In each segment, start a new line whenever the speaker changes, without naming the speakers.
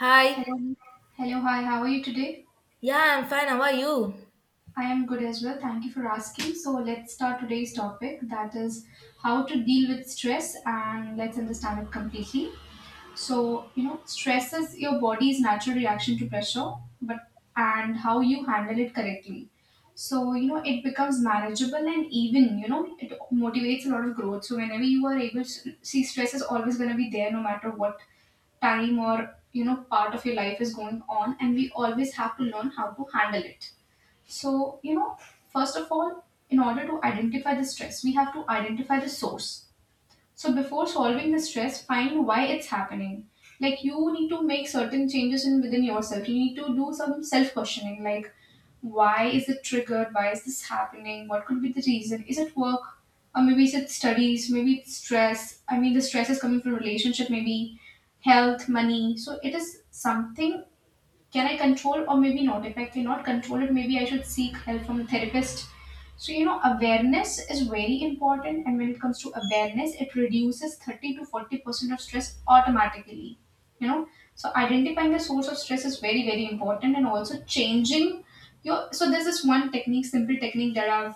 Hi.
Hello. Hello, hi, how are you today?
Yeah, I'm fine. How are you?
I am good as well. Thank you for asking. So, let's start today's topic, that is how to deal with stress, and let's understand it completely. So, stress is your body's natural reaction to pressure, but and how you handle it correctly. So, it becomes manageable and even, it motivates a lot of growth. So, whenever you are able to see, stress is always going to be there no matter what time or part of your life is going on, and we always have to learn how to handle it. So first of all, in order to identify the stress, we have to identify the source. So before solving the stress, find why it's happening. Like, you need to make certain changes in within yourself. You need to do some self questioning, like, why is it triggered? Why is this happening? What could be the reason? Is it work? Or maybe is it studies? Maybe it's stress. I mean, the stress is coming from relationship. Maybe health, money. So, it is something can I control or maybe not? If I cannot control it, maybe I should seek help from a therapist. So, awareness is very important. And when it comes to awareness, it reduces 30 to 40% of stress automatically. You know, so identifying the source of stress is very, very important. And also changing your. So, there's this one technique, simple technique that I've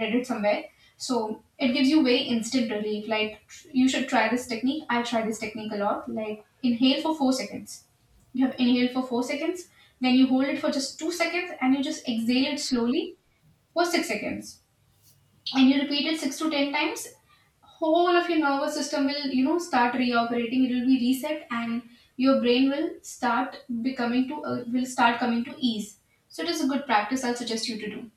read it somewhere. So, it gives you very instant relief. Like, you should try this technique. I try this technique a lot. Like, inhale for 4 seconds. You have inhaled for 4 seconds, then you hold it for just 2 seconds and you just exhale it slowly for 6 seconds. And you repeat it six to ten times. Whole of your nervous system will, start reoperating. It will be reset and your brain will start becoming to will start coming to ease. So it is a good practice. I'll suggest you to do.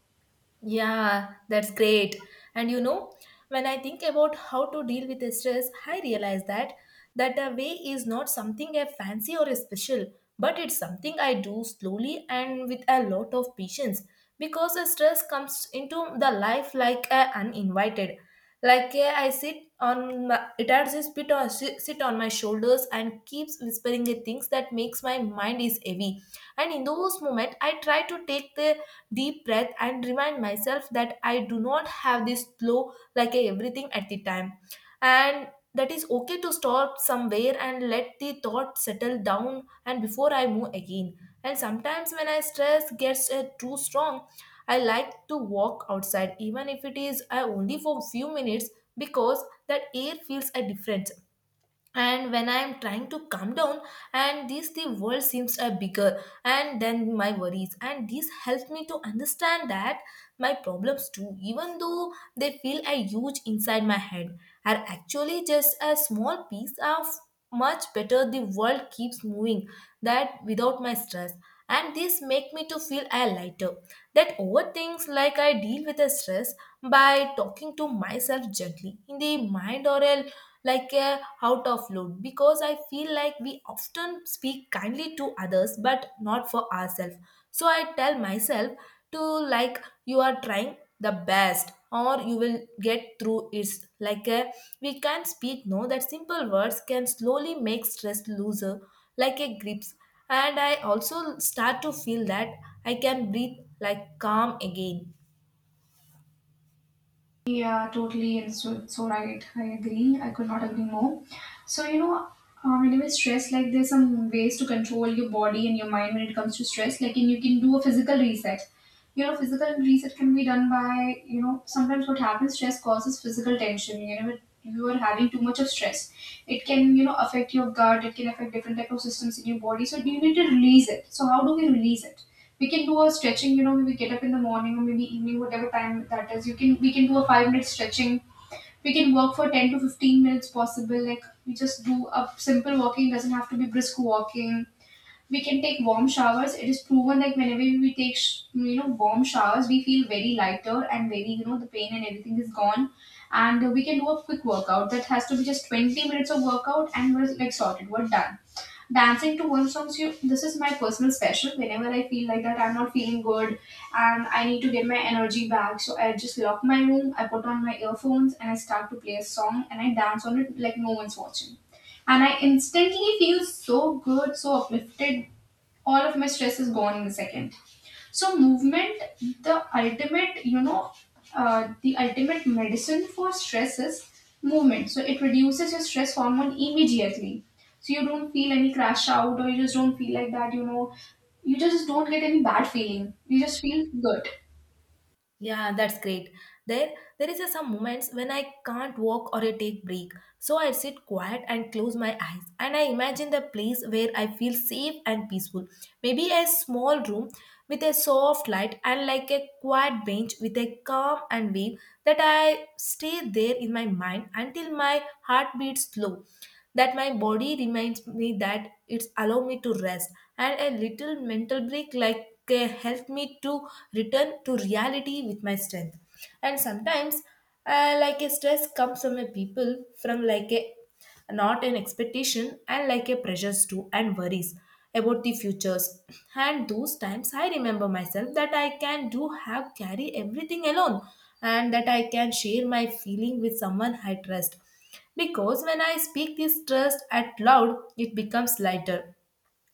Yeah, that's great. And you know, when I think about how to deal with stress, I realize that a way is not something I fancy or special, but it's something I do slowly and with a lot of patience because the stress comes into the life like a uninvited. I sit on my, it has this bit on sit on my shoulders and keeps whispering the things that makes my mind is heavy. And in those moments, I try to take the deep breath and remind myself that I do not have this flow like a everything at the time. And that is okay to stop somewhere and let the thought settle down and before I move again. And sometimes when I stress gets too strong, I like to walk outside even if it is only for few minutes because that air feels a difference, and when I am trying to calm down and this the world seems a bigger and then my worries, and this helps me to understand that my problems too, even though they feel a huge inside my head, are actually just a small piece of much better the world keeps moving that without my stress, and this make me to feel a lighter that over things like I deal with the stress by talking to myself gently in the mind or a, like a out of load because I feel like we often speak kindly to others but not for ourselves. So I tell myself to like you are trying the best or you will get through it like a we can speak no that simple words can slowly make stress looser like a grips, and I also start to feel that I can breathe like calm again.
Yeah, totally, and so right. I agree. I could not agree more. So whenever stress, like, there's some ways to control your body and your mind when it comes to stress. Like, and you can do a physical reset. You know, physical reset can be done by sometimes what happens, stress causes physical tension. You know, when you are having too much of stress, it can affect your gut. It can affect different type of systems in your body. So you need to release it. So how do we release it? We can do a stretching. You know, maybe get up in the morning or maybe evening, whatever time that is. You can We can do a 5 minute stretching. We can work for 10 to 15 minutes possible. Like, we just do a simple walking, doesn't have to be brisk walking. We can take warm showers. It is proven, like, whenever we take warm showers, we feel very lighter and very, the pain and everything is gone. And we can do a quick workout that has to be just 20 minutes of workout, and we're like sorted, we're done. Dancing to one songs, you, this is my personal special. Whenever I feel like that I'm not feeling good and I need to get my energy back, so I just lock my room, I put on my earphones and I start to play a song, and I dance on it like no one's watching. And I instantly feel so good, so uplifted. All of my stress is gone in a second. So movement, the ultimate, you know, the ultimate medicine for stress is movement. So it reduces your stress hormone immediately. So you don't feel any crash out, or you just don't feel like that. You know, you just don't get any bad feeling. You just feel good.
Yeah, that's great. There, there is a some moments when I can't walk or I take break. So I sit quiet and close my eyes, and I imagine the place where I feel safe and peaceful. Maybe a small room with a soft light and like a quiet bench with a calm and wave that I stay there in my mind until my heart beats slow. That my body reminds me that it's allow me to rest, and a little mental break like help me to return to reality with my strength. And sometimes like a stress comes from a people from like a not an expectation and like a pressures too and worries about the futures, and those times I remember myself that I can do have carry everything alone, and that I can share my feeling with someone I trust because when I speak this trust out loud it becomes lighter,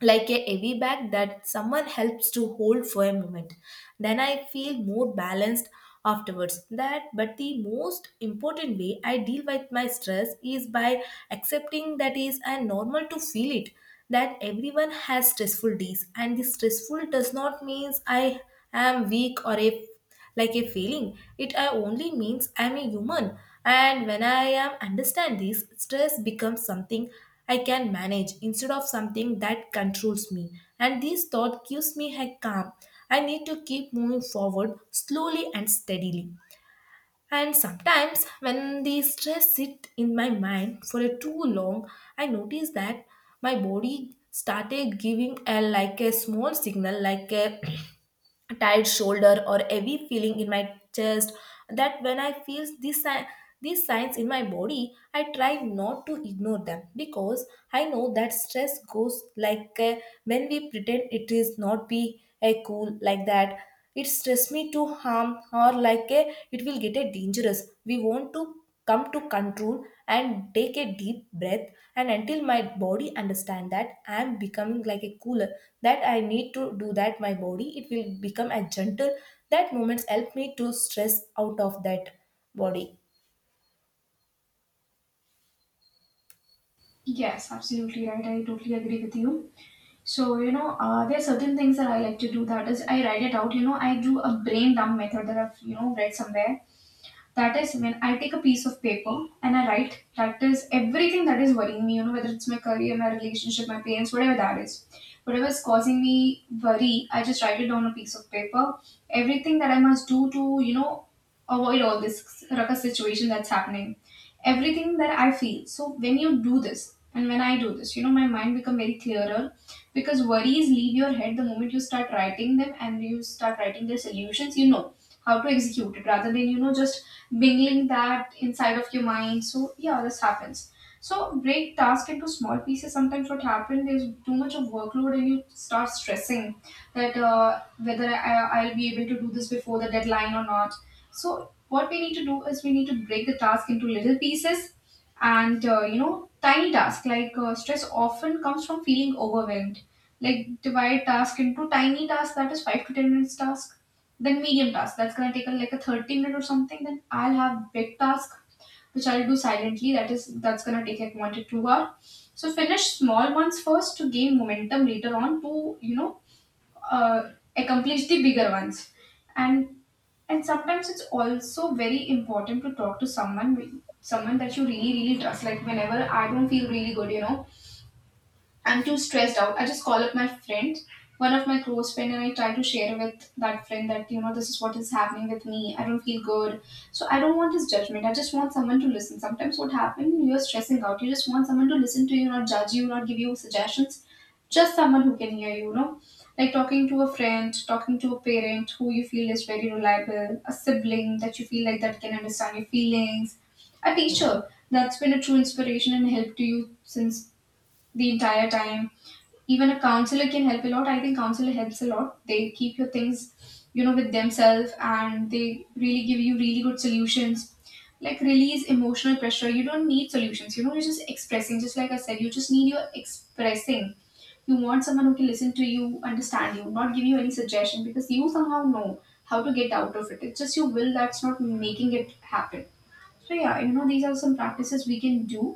like a heavy bag that someone helps to hold for a moment. Then I feel more balanced afterwards. That but the most important way I deal with my stress is by accepting that is a normal to feel it. That everyone has stressful days and the stressful does not means I am weak or a like a feeling. It only means I'm a human, and when I am understand this, stress becomes something I can manage instead of something that controls me. And this thought gives me a calm. I need to keep moving forward slowly and steadily. And sometimes, when the stress sit in my mind for a too long, I notice that my body started giving a like a small signal, like a tight shoulder or heavy feeling in my chest, that when I feel these signs in my body I try not to ignore them because I know that stress goes like when we pretend it is not be a cool like that it stress me to harm or like a, it will get a dangerous we want to come to control and take a deep breath and until my body understand that I am becoming like a cooler that I need to do that my body it will become a gentle that moments help me to stress out of that body.
Yes, absolutely right. I totally agree with you. So, there are certain things that I like to do. That is, I write it out. You know, I do a brain dump method that I've, read somewhere. That is when I take a piece of paper and I write. That is everything that is worrying me, whether it's my career, my relationship, my parents, whatever that is. Whatever is causing me worry, I just write it on a piece of paper. Everything that I must do to, avoid all this ruckus situation that's happening, everything that I feel. So when you do this, and when I do this, my mind become very clearer, because worries leave your head the moment you start writing them and you start writing their solutions, how to execute it rather than, just mingling that inside of your mind. So yeah, this happens. So break task into small pieces. Sometimes what happens is too much of workload and you start stressing that whether I'll be able to do this before the deadline or not. So what we need to do is we need to break the task into little pieces, and tiny tasks. Like, stress often comes from feeling overwhelmed. Like, divide task into tiny tasks, that is 5 to 10 minutes task, then medium task that's going to take like a 30 minute or something, then I'll have big task which I'll do silently, that is that's going to take like 1 to 2 hour. So finish small ones first to gain momentum later on to you know accomplish the bigger ones. And sometimes it's also very important to talk to someone, that you really really trust. Like whenever I don't feel really good, I'm too stressed out, I just call up my friend, one of my close friend, and I try to share with that friend that this is what is happening with me. I don't feel good, so I don't want his judgment. I just want someone to listen. Sometimes what happens, you're stressing out, you just want someone to listen to you, not judge you, not give you suggestions. Just someone who can hear you. You know, like talking to a friend, talking to a parent who you feel is very reliable, a sibling that you feel like that can understand your feelings, a teacher that's been a true inspiration and help to you since the entire time. Even a counselor can help a lot. I think counselor helps a lot. They keep your things, with themselves, and they really give you really good solutions. Like release emotional pressure. You don't need solutions. You know, you're just expressing. Just like I said, you just need your expressing. You want someone who can listen to you, understand you, not give you any suggestion, because you somehow know how to get out of it. It's just your will that's not making it happen. So yeah, these are some practices we can do.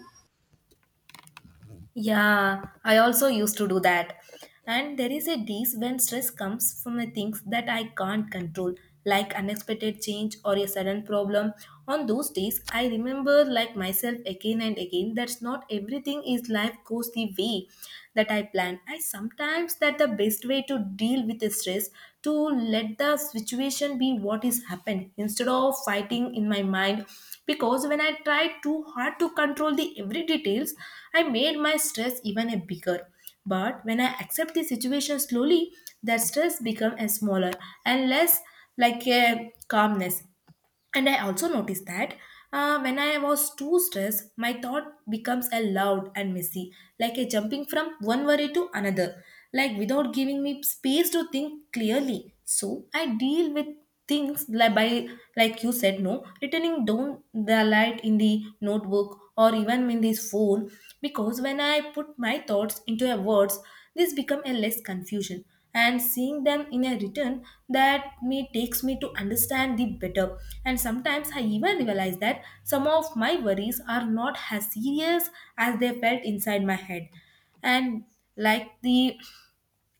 Yeah, I also used to do that. And there is a days when stress comes from the things that I can't control, like unexpected change or a sudden problem. On those days, I remember like myself again and again that's not everything is life goes the way that I plan. I sometimes that the best way to deal with the stress to let the situation be what is happened instead of fighting in my mind because when I tried too hard to control the every details I made my stress even a bigger, but when I accept the situation slowly that stress become a smaller and less like a calmness. And I also noticed that when I was too stressed, my thought becomes a loud and messy, like a jumping from one worry to another, like without giving me space to think clearly. So I deal with things like by like you said no returning down the light in the notebook or even in this phone, because when I put my thoughts into a words this become a less confusion, and seeing them in a return that me takes me to understand the better, and sometimes I even realize that some of my worries are not as serious as they felt inside my head, and like the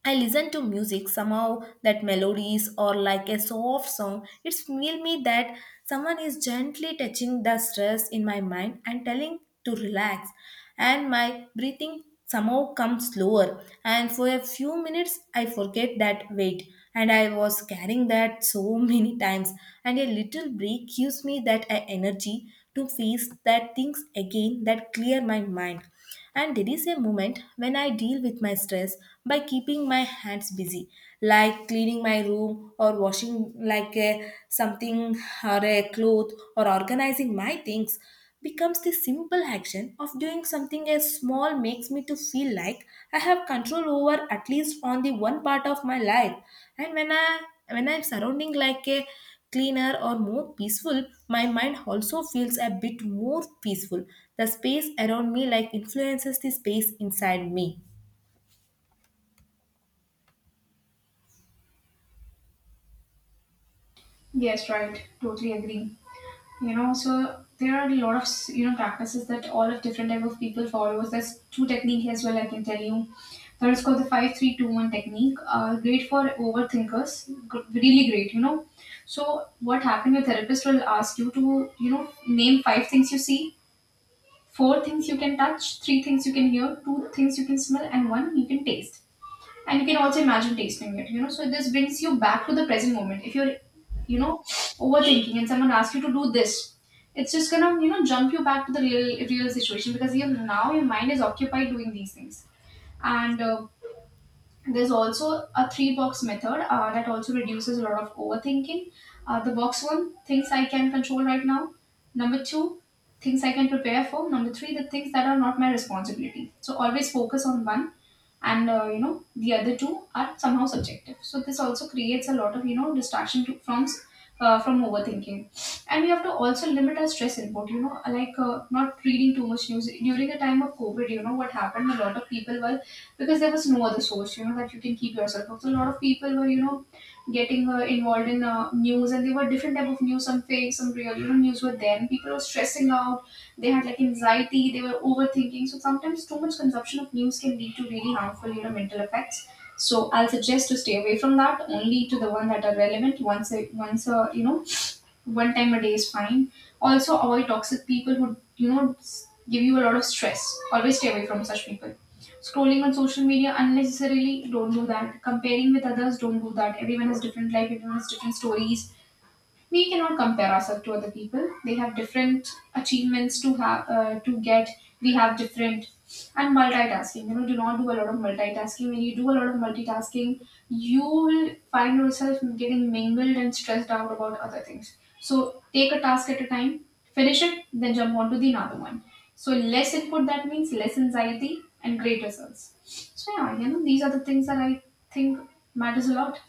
I listen to music somehow that melodies or like a soft song. It's feel me that someone is gently touching the stress in my mind and telling to relax. And my breathing somehow comes slower. And for a few minutes, I forget that weight. And I was carrying that so many times. And a little break gives me that energy to face that things again that clear my mind, and there is a moment when I deal with my stress by keeping my hands busy, like cleaning my room or washing like a something or a cloth or organizing my things becomes the simple action of doing something as small makes me to feel like I have control over at least on the one part of my life. And when I'm surrounding like a cleaner or more peaceful, my mind also feels a bit more peaceful. The space around me like influences the space inside me.
Yes, right. Totally agree. There are a lot of practices that all of different type of people follows. There's two technique as well I can tell you. That is called the 5321 technique. Great for overthinkers. Really great, so what happened, your therapist will ask you to name five things you see, four things you can touch, three things you can hear, two things you can smell, and one you can taste. And you can also imagine tasting it. You know, so this brings you back to the present moment. If you're, you know overthinking and someone asks you to do this, it's just gonna jump you back to the real situation, because you, now your mind is occupied doing these things. And there's also a three box method that also reduces a lot of overthinking. The box one, things I can control right now. Number two, things I can prepare for. Number three, the things that are not my responsibility. So always focus on one, and the other two are somehow subjective, so this also creates a lot of, distraction to, from overthinking. And we have to also limit our stress input. You know, like, not reading too much news during the time of COVID. You know what happened, a lot of people were, because there was no other source, that you can keep yourself up, so a lot of people were getting involved in news, and there were different type of news, some fake, some real, news were there, and people were stressing out. They had like anxiety, they were overthinking. So sometimes too much consumption of news can lead to really harmful, mental effects. So I'll suggest to stay away from that. Only to the one that are relevant. Once a once a you know one time a day is fine. Also avoid toxic people who give you a lot of stress. Always stay away from such people. Scrolling on social media unnecessarily, don't do that. Comparing with others, don't do that. Everyone has different life. Everyone has different stories. We cannot compare ourselves to other people. They have different achievements to get. We have different. And multitasking, do not do a lot of multitasking. When you do a lot of multitasking you will find yourself getting mingled and stressed out about other things, so take a task at a time, finish it, then jump on to the another one. So less input, that means less anxiety and great results. So yeah, these are the things that I think matters a lot.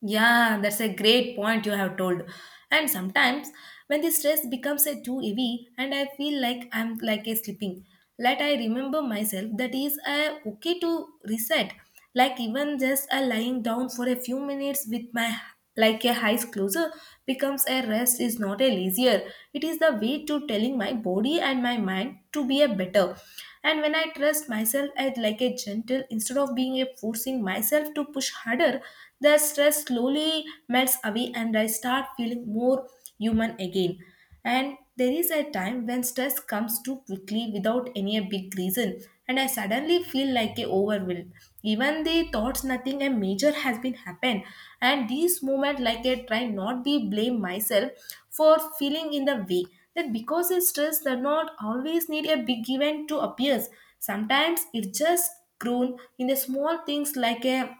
Yeah, that's a great point you have told. And sometimes when the stress becomes a too heavy and I feel like I'm like a sleeping, let I remember myself that is okay to reset. Like even just a lying down for a few minutes with my like a eyes closer becomes a rest is not a lazier. It is the way to telling my body and my mind to be a better. And when I trust myself as like a gentle instead of being a forcing myself to push harder, the stress slowly melts away and I start feeling more human again. And there is a time when stress comes too quickly without any a big reason, and I suddenly feel like a overwhelmed. Even the thoughts nothing a major has been happened, and these moment like I try not be blame myself for feeling in the way that because they stress does not always need a big event to appear. Sometimes it just grown in the small things like a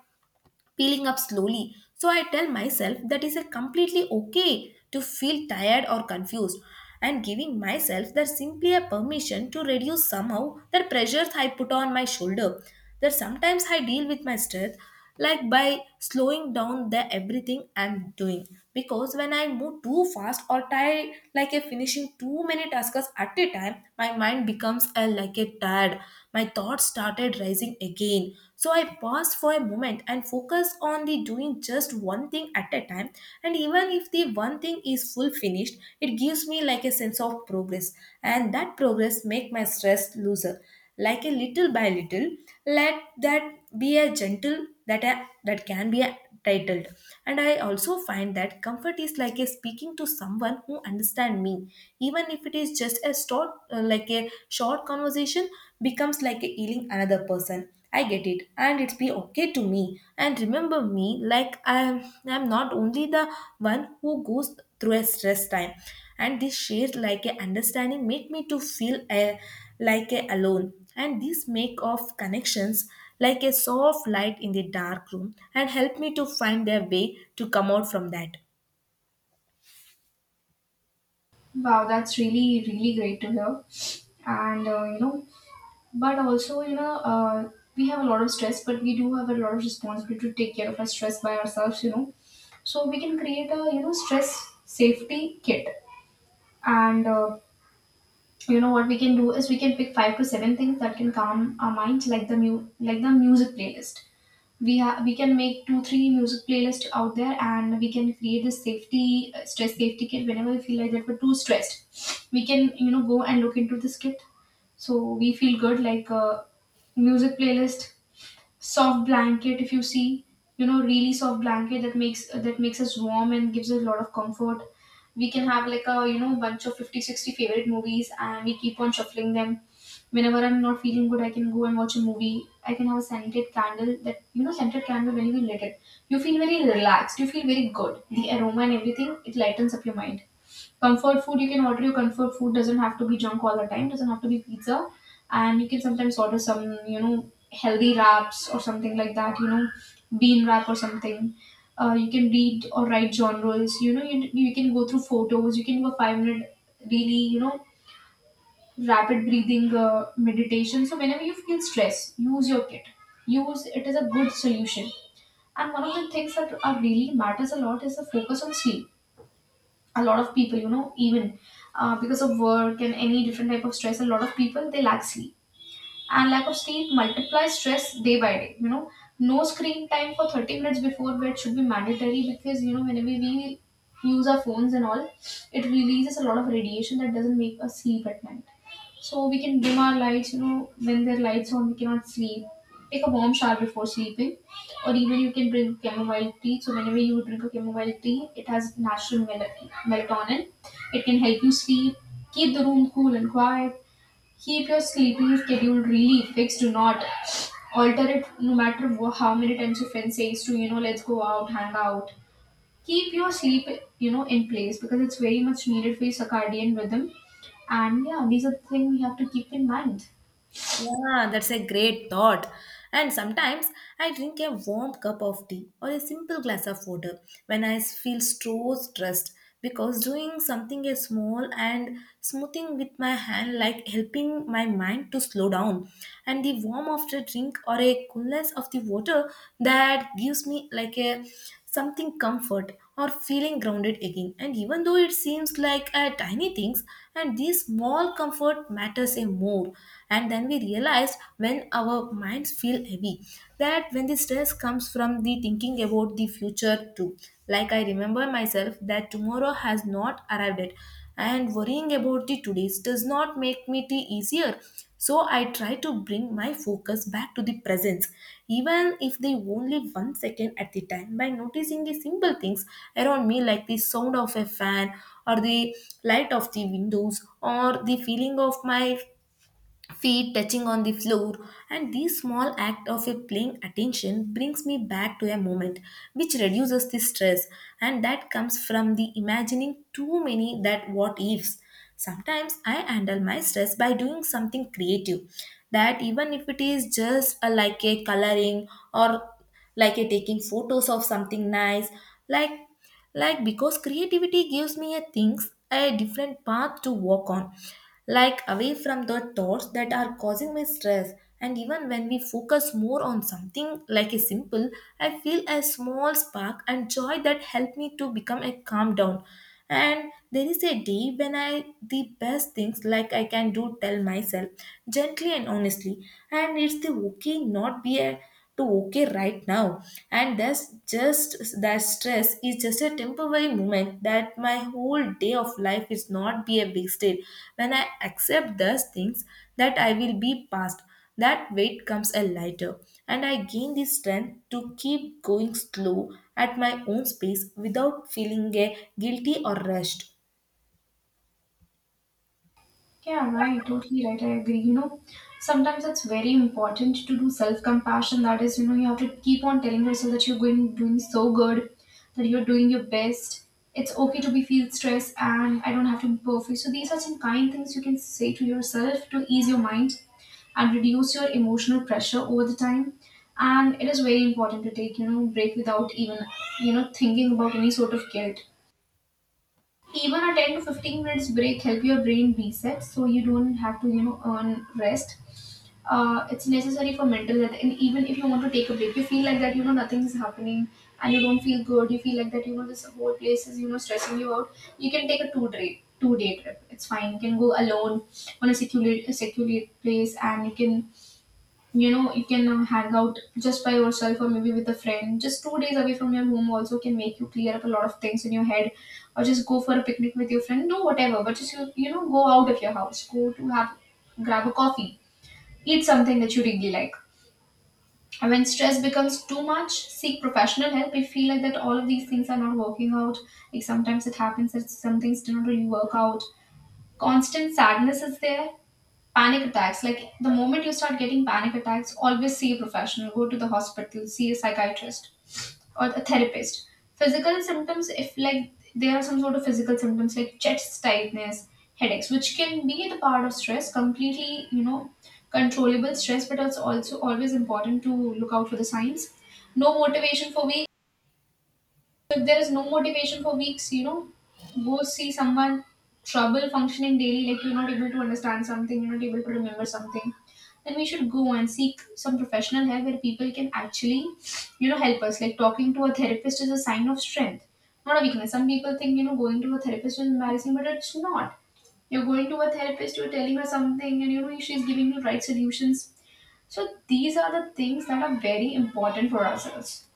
peeling up slowly. So I tell myself that is a completely okay to feel tired or confused and giving myself that simply a permission to reduce somehow the pressures I put on my shoulder. That sometimes I deal with my stress like by slowing down the everything I'm doing. Because when I move too fast or tired like a finishing too many tasks at a time, my mind becomes a, like a tired. My thoughts started rising again. So I paused for a moment and focused on the doing just one thing at a time. And even if the one thing is full finished, it gives me like a sense of progress. And that progress make my stress looser. Like a little by little, let that be a gentle that a, that can be a titled, and I also find that comfort is like a speaking to someone who understand me, even if it is just a short like a short conversation becomes like a healing another person I get it and it's be okay to me and remember me like i'm not only the one who goes through a stress time, and this shared like a understanding make me to feel a, like a alone, and these make of connections like a soft light in the dark room and help me to find a way to come out from that.
Wow, that's really, really great to hear. And, but also, we have a lot of stress, but we do have a lot of responsibility to take care of our stress by ourselves. So we can create a, stress safety kit. And, what we can do is we can pick five to seven things that can calm our minds, like the music playlist. We we can make two three music playlists out there, and we can create this safety stress safety kit. Whenever we feel like that we're too stressed we can go and look into this kit. So we feel good, like, music playlist, soft blanket, if you see, really soft blanket that makes us warm and gives us a lot of comfort. We can have like a bunch of 50, 60 favorite movies and we keep on shuffling them. Whenever I'm not feeling good I can go and watch a movie. I can have a scented candle, that, scented candle, when you lit it you feel very relaxed, you feel very good, the aroma and everything, it lightens up your mind. Comfort food, you can order your comfort food. Doesn't have to be junk all the time. Doesn't have to be pizza, and you can sometimes order some healthy wraps or something like that. Bean wrap or something. You can read or write genres. You can go through photos. You can do a 5-minute really, rapid breathing meditation. So whenever you feel stress, use your kit. Use it as a good solution. And one of the things that are really matters a lot is the focus on sleep. A lot of people even because of work and any different type of stress, a lot of people, they lack sleep. And lack of sleep multiplies stress day by day. No screen time for 30 minutes before bed should be mandatory, because whenever we use our phones and all, it releases a lot of radiation that doesn't make us sleep at night. So we can dim our lights, when there are lights on we cannot sleep. Take a warm shower before sleeping, or even you can drink chamomile tea. So whenever you drink a chamomile tea it has natural melatonin, it can help you sleep. Keep the room cool and quiet. Keep your sleeping schedule really fixed. Do not alter it no matter how many times your friend says to, let's go out, hang out. Keep your sleep, in place, because it's very much needed for your circadian rhythm. And yeah, these are the things we have to keep in mind.
Yeah, that's a great thought. And sometimes I drink a warm cup of tea or a simple glass of water when I feel so stressed because doing something as small and smoothing with my hand like helping my mind to slow down and the warmth of the drink or a coolness of the water that gives me like a something comfort or feeling grounded again. And even though it seems like a tiny things, and these small comfort matters a more. And then we realized when our minds feel heavy, that when the stress comes from the thinking about the future too. Like I remember myself that tomorrow has not arrived yet, and worrying about the today's does not make me the easier so I try to bring my focus back to the presence, even if they only one second at the time, by noticing the simple things around me, like the sound of a fan, or the light of the windows, or the feeling of my feet touching on the floor and this small act of a paying attention brings me back to a moment which reduces the stress and that comes from the imagining too many that what ifs. Sometimes I handle my stress by doing something creative that even if it is just a, like a coloring or like you're taking photos of something nice like like because creativity gives me a things a different path to walk on, like away from the thoughts that are causing me stress. And even when we focus more on something like a simple, I feel a small spark and joy that help me to become a calm down. And there is a day when I the best things like I can do tell myself gently and honestly, and it's the okay not be a to okay right now, and that's just that stress is just a temporary moment that my whole day of life is not be a big state. When I accept those things that I will be past, that weight comes a lighter, and I gain the strength to keep going slow at my own pace without feeling a guilty or rushed.
Yeah, right. Totally right. I agree. Sometimes it's very important to do self-compassion. That is, you have to keep on telling yourself that you're going doing so good, that you're doing your best. It's okay to be feel stressed, and I don't have to be perfect. So these are some kind things you can say to yourself to ease your mind and reduce your emotional pressure over the time. And it is very important to take, break without even, thinking about any sort of guilt. Even a 10 to 15 minutes break help your brain reset, so you don't have to earn rest. It's necessary for mental health. And even if you want to take a break, you feel like that nothing is happening and you don't feel good, you feel like that this whole place is stressing you out. You can take a two day trip, it's fine. You can go alone on a secluded place, and you can hang out just by yourself, or maybe with a friend, just 2 days away from your home also can make you clear up a lot of things in your head. Or just go for a picnic with your friend, do whatever, but just you, you know go out of your house, go to have grab a coffee, eat something that you really like. And when stress becomes too much, seek professional help. If you feel like that all of these things are not working out, like sometimes it happens that some things do not really work out, constant sadness is there, panic attacks, like the moment you start getting panic attacks, always see a professional, go to the hospital, see a psychiatrist or a therapist. Physical symptoms, if like there are some sort of physical symptoms like chest tightness, headaches, which can be the part of stress, completely controllable stress, but it's also always important to look out for the signs. No motivation for weeks. If there is no motivation for weeks, go see someone. Trouble functioning daily, like you're not able to understand something, you're not able to remember something, then we should go and seek some professional help where people can actually, help us. Like talking to a therapist is a sign of strength, not a weakness. Some people think, going to a therapist is embarrassing, but it's not. You're going to a therapist, you're telling her something, and she's giving you right solutions. So these are the things that are very important for ourselves.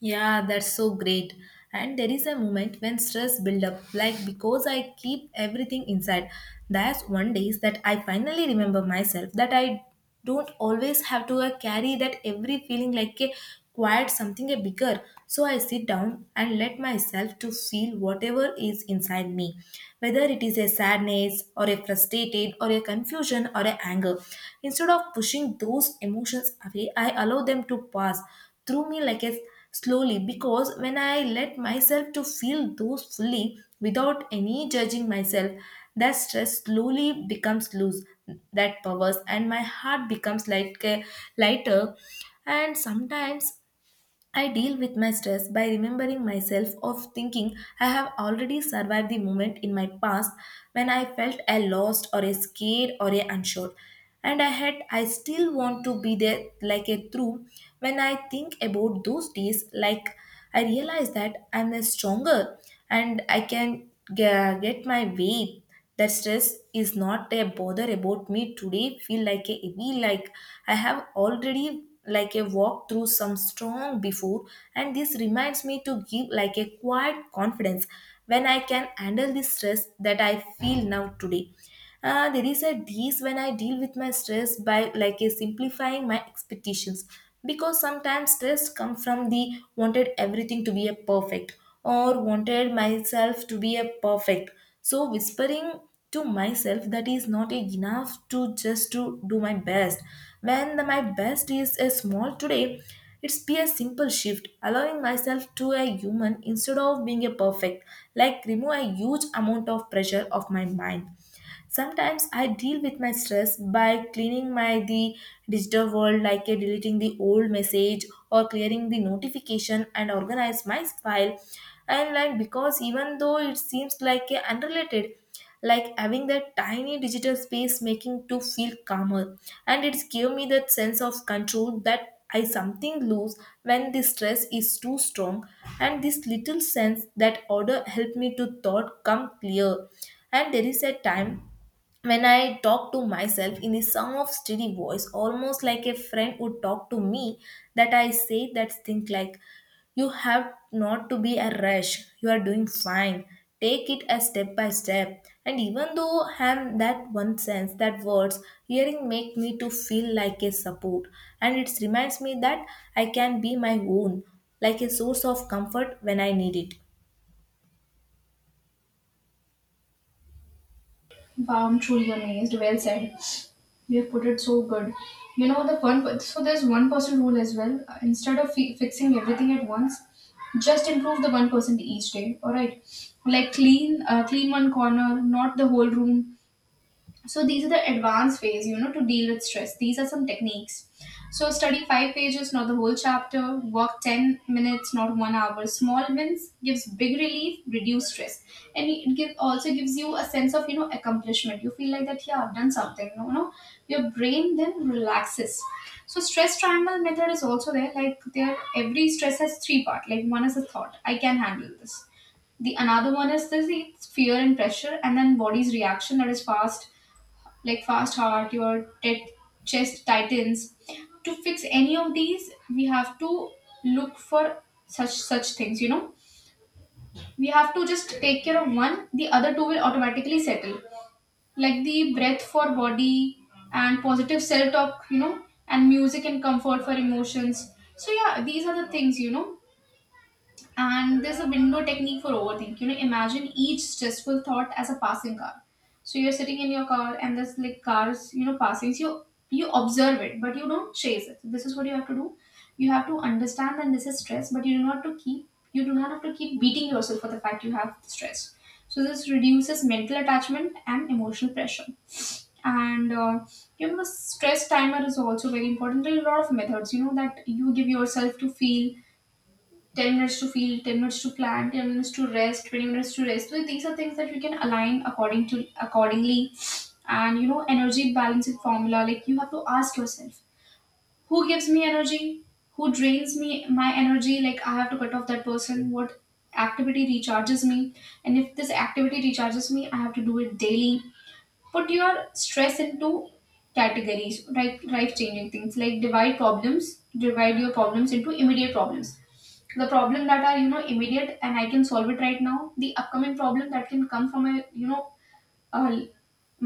Yeah, that's so great. And there is a moment when stress build up, like because I keep everything inside. That's one days that I finally remember myself that I don't always have to carry that every feeling like a quiet something a bigger. So I sit down and let myself to feel whatever is inside me, whether it is a sadness or a frustrated or a confusion or a anger. Instead of pushing those emotions away, I allow them to pass through me like a slowly because when I let myself to feel those fully without any judging myself, that stress slowly becomes loose, that powers and my heart becomes like lighter. And sometimes I deal with my stress by remembering myself of thinking I have already survived the moment in my past when I felt I lost or a scared or a unsure. And I still want to be there like a true when I think about those days, like I realize that I'm a stronger and I can get my way, that stress is not a bother about me today feel like a heavy, like I have already like a walk through some strong before, and this reminds me to give like a quiet confidence when I can handle the stress that I feel now today. There is a ease when I deal with my stress by like a simplifying my expectations, because sometimes stress come from the wanted everything to be a perfect, or wanted myself to be a perfect. So whispering to myself that is not enough to just to do my best. When the, my best is a small today, it's be a simple shift, allowing myself to a human instead of being a perfect, like remove a huge amount of pressure of my mind. Sometimes I deal with my stress by cleaning my the digital world, like a deleting the old message or clearing the notification and organize my file, and like because even though it seems like a unrelated, like having that tiny digital space making to feel calmer, and it's give me that sense of control that I something lose when the stress is too strong, and this little sense that order help me to thought come clear. And there is a time when I talk to myself in the song of steady voice, almost like a friend would talk to me, that I say that thing like, you have not to be a rush, you are doing fine. Take it a step by step. And even though I have that one sense, that words, hearing make me to feel like a support. And it reminds me that I can be my own, like a source of comfort when I need it.
Wow, I'm truly amazed. Well said. You have put it so good. You know the fun. So there's one person rule as well. Instead of fixing everything at once, just improve the 1% each day. All right, like clean one corner, not the whole room. So these are the advanced ways to deal with stress, these are some techniques. So study five pages, not the whole chapter, work 10 minutes, not 1 hour. Small wins gives big relief, reduce stress, and it also gives you a sense of accomplishment. You feel like that, yeah, I've done something. Your brain then relaxes. So stress triangle method is also there, like there every stress has three part. Like one is a thought, I can handle this. The another one is this it's fear and pressure. And then body's reaction, that is fast, like fast heart, your chest tightens. To fix any of these, we have to look for such things. We have to just take care of one. The other two will automatically settle. Like the breath for body and positive self talk. And music and comfort for emotions. So yeah, these are the things. And there's a window technique for overthink. Imagine each stressful thought as a passing car. So you're sitting in your car and there's like cars, passing. So you observe it, but you don't chase it. This is what you have to do. You have to understand that this is stress, but you do not have to keep beating yourself for the fact you have stress. So this reduces mental attachment and emotional pressure. And stress timer is also very important. There are a lot of methods, that you give yourself to feel 10 minutes to feel, 10 minutes to plan, 10 minutes to rest, 20 minutes to rest. So these are things that we can align accordingly. And energy balancing formula, like you have to ask yourself, who gives me energy? Who drains me my energy? Like I have to cut off that person. What activity recharges me? And if this activity recharges me, I have to do it daily. Put your stress into categories, right, life changing things, like divide your problems into immediate problems, the problem that are immediate and I can solve it right now, the upcoming problem that can come from a you know uh,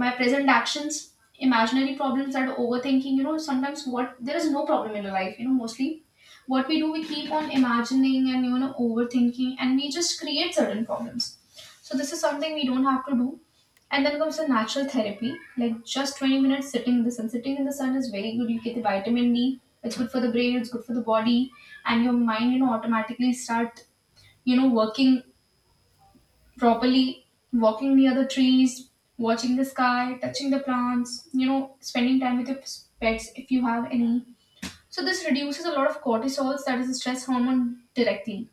my present actions, imaginary problems, that overthinking, sometimes what there is no problem in your life, mostly what we do, we keep on imagining and overthinking, and we just create certain problems. So this is something we don't have to do. And then comes the natural therapy, like just 20 minutes sitting in the sun. Sitting in the sun is very good, you get the vitamin D, it's good for the brain, it's good for the body, and your mind automatically start working properly. Walking near the trees, watching the sky, touching the plants, spending time with your pets, if you have any. So this reduces a lot of cortisols, that is the stress hormone directly.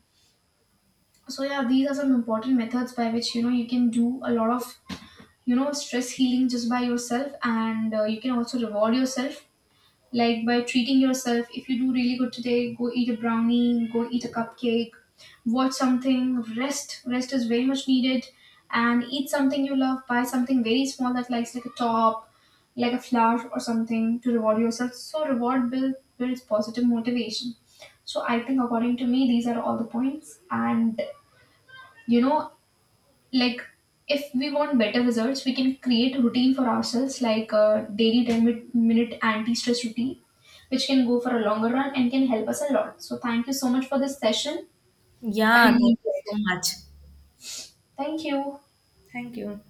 So yeah, these are some important methods by which you can do a lot of stress healing just by yourself, and you can also reward yourself, like by treating yourself, if you do really good today, go eat a brownie, go eat a cupcake, watch something, rest. Rest is very much needed. And eat something you love, buy something very small that likes like a top, like a flower or something to reward yourself. So reward builds positive motivation. So I think according to me these are all the points. And you know like, if we want better results, we can create a routine for ourselves, like a daily 10 minute anti-stress routine, which can go for a longer run and can help us a lot. So thank you so much for this session. I
Yeah,
really
thank you
enjoyed
so
it.
much.
Thank you.
Thank you.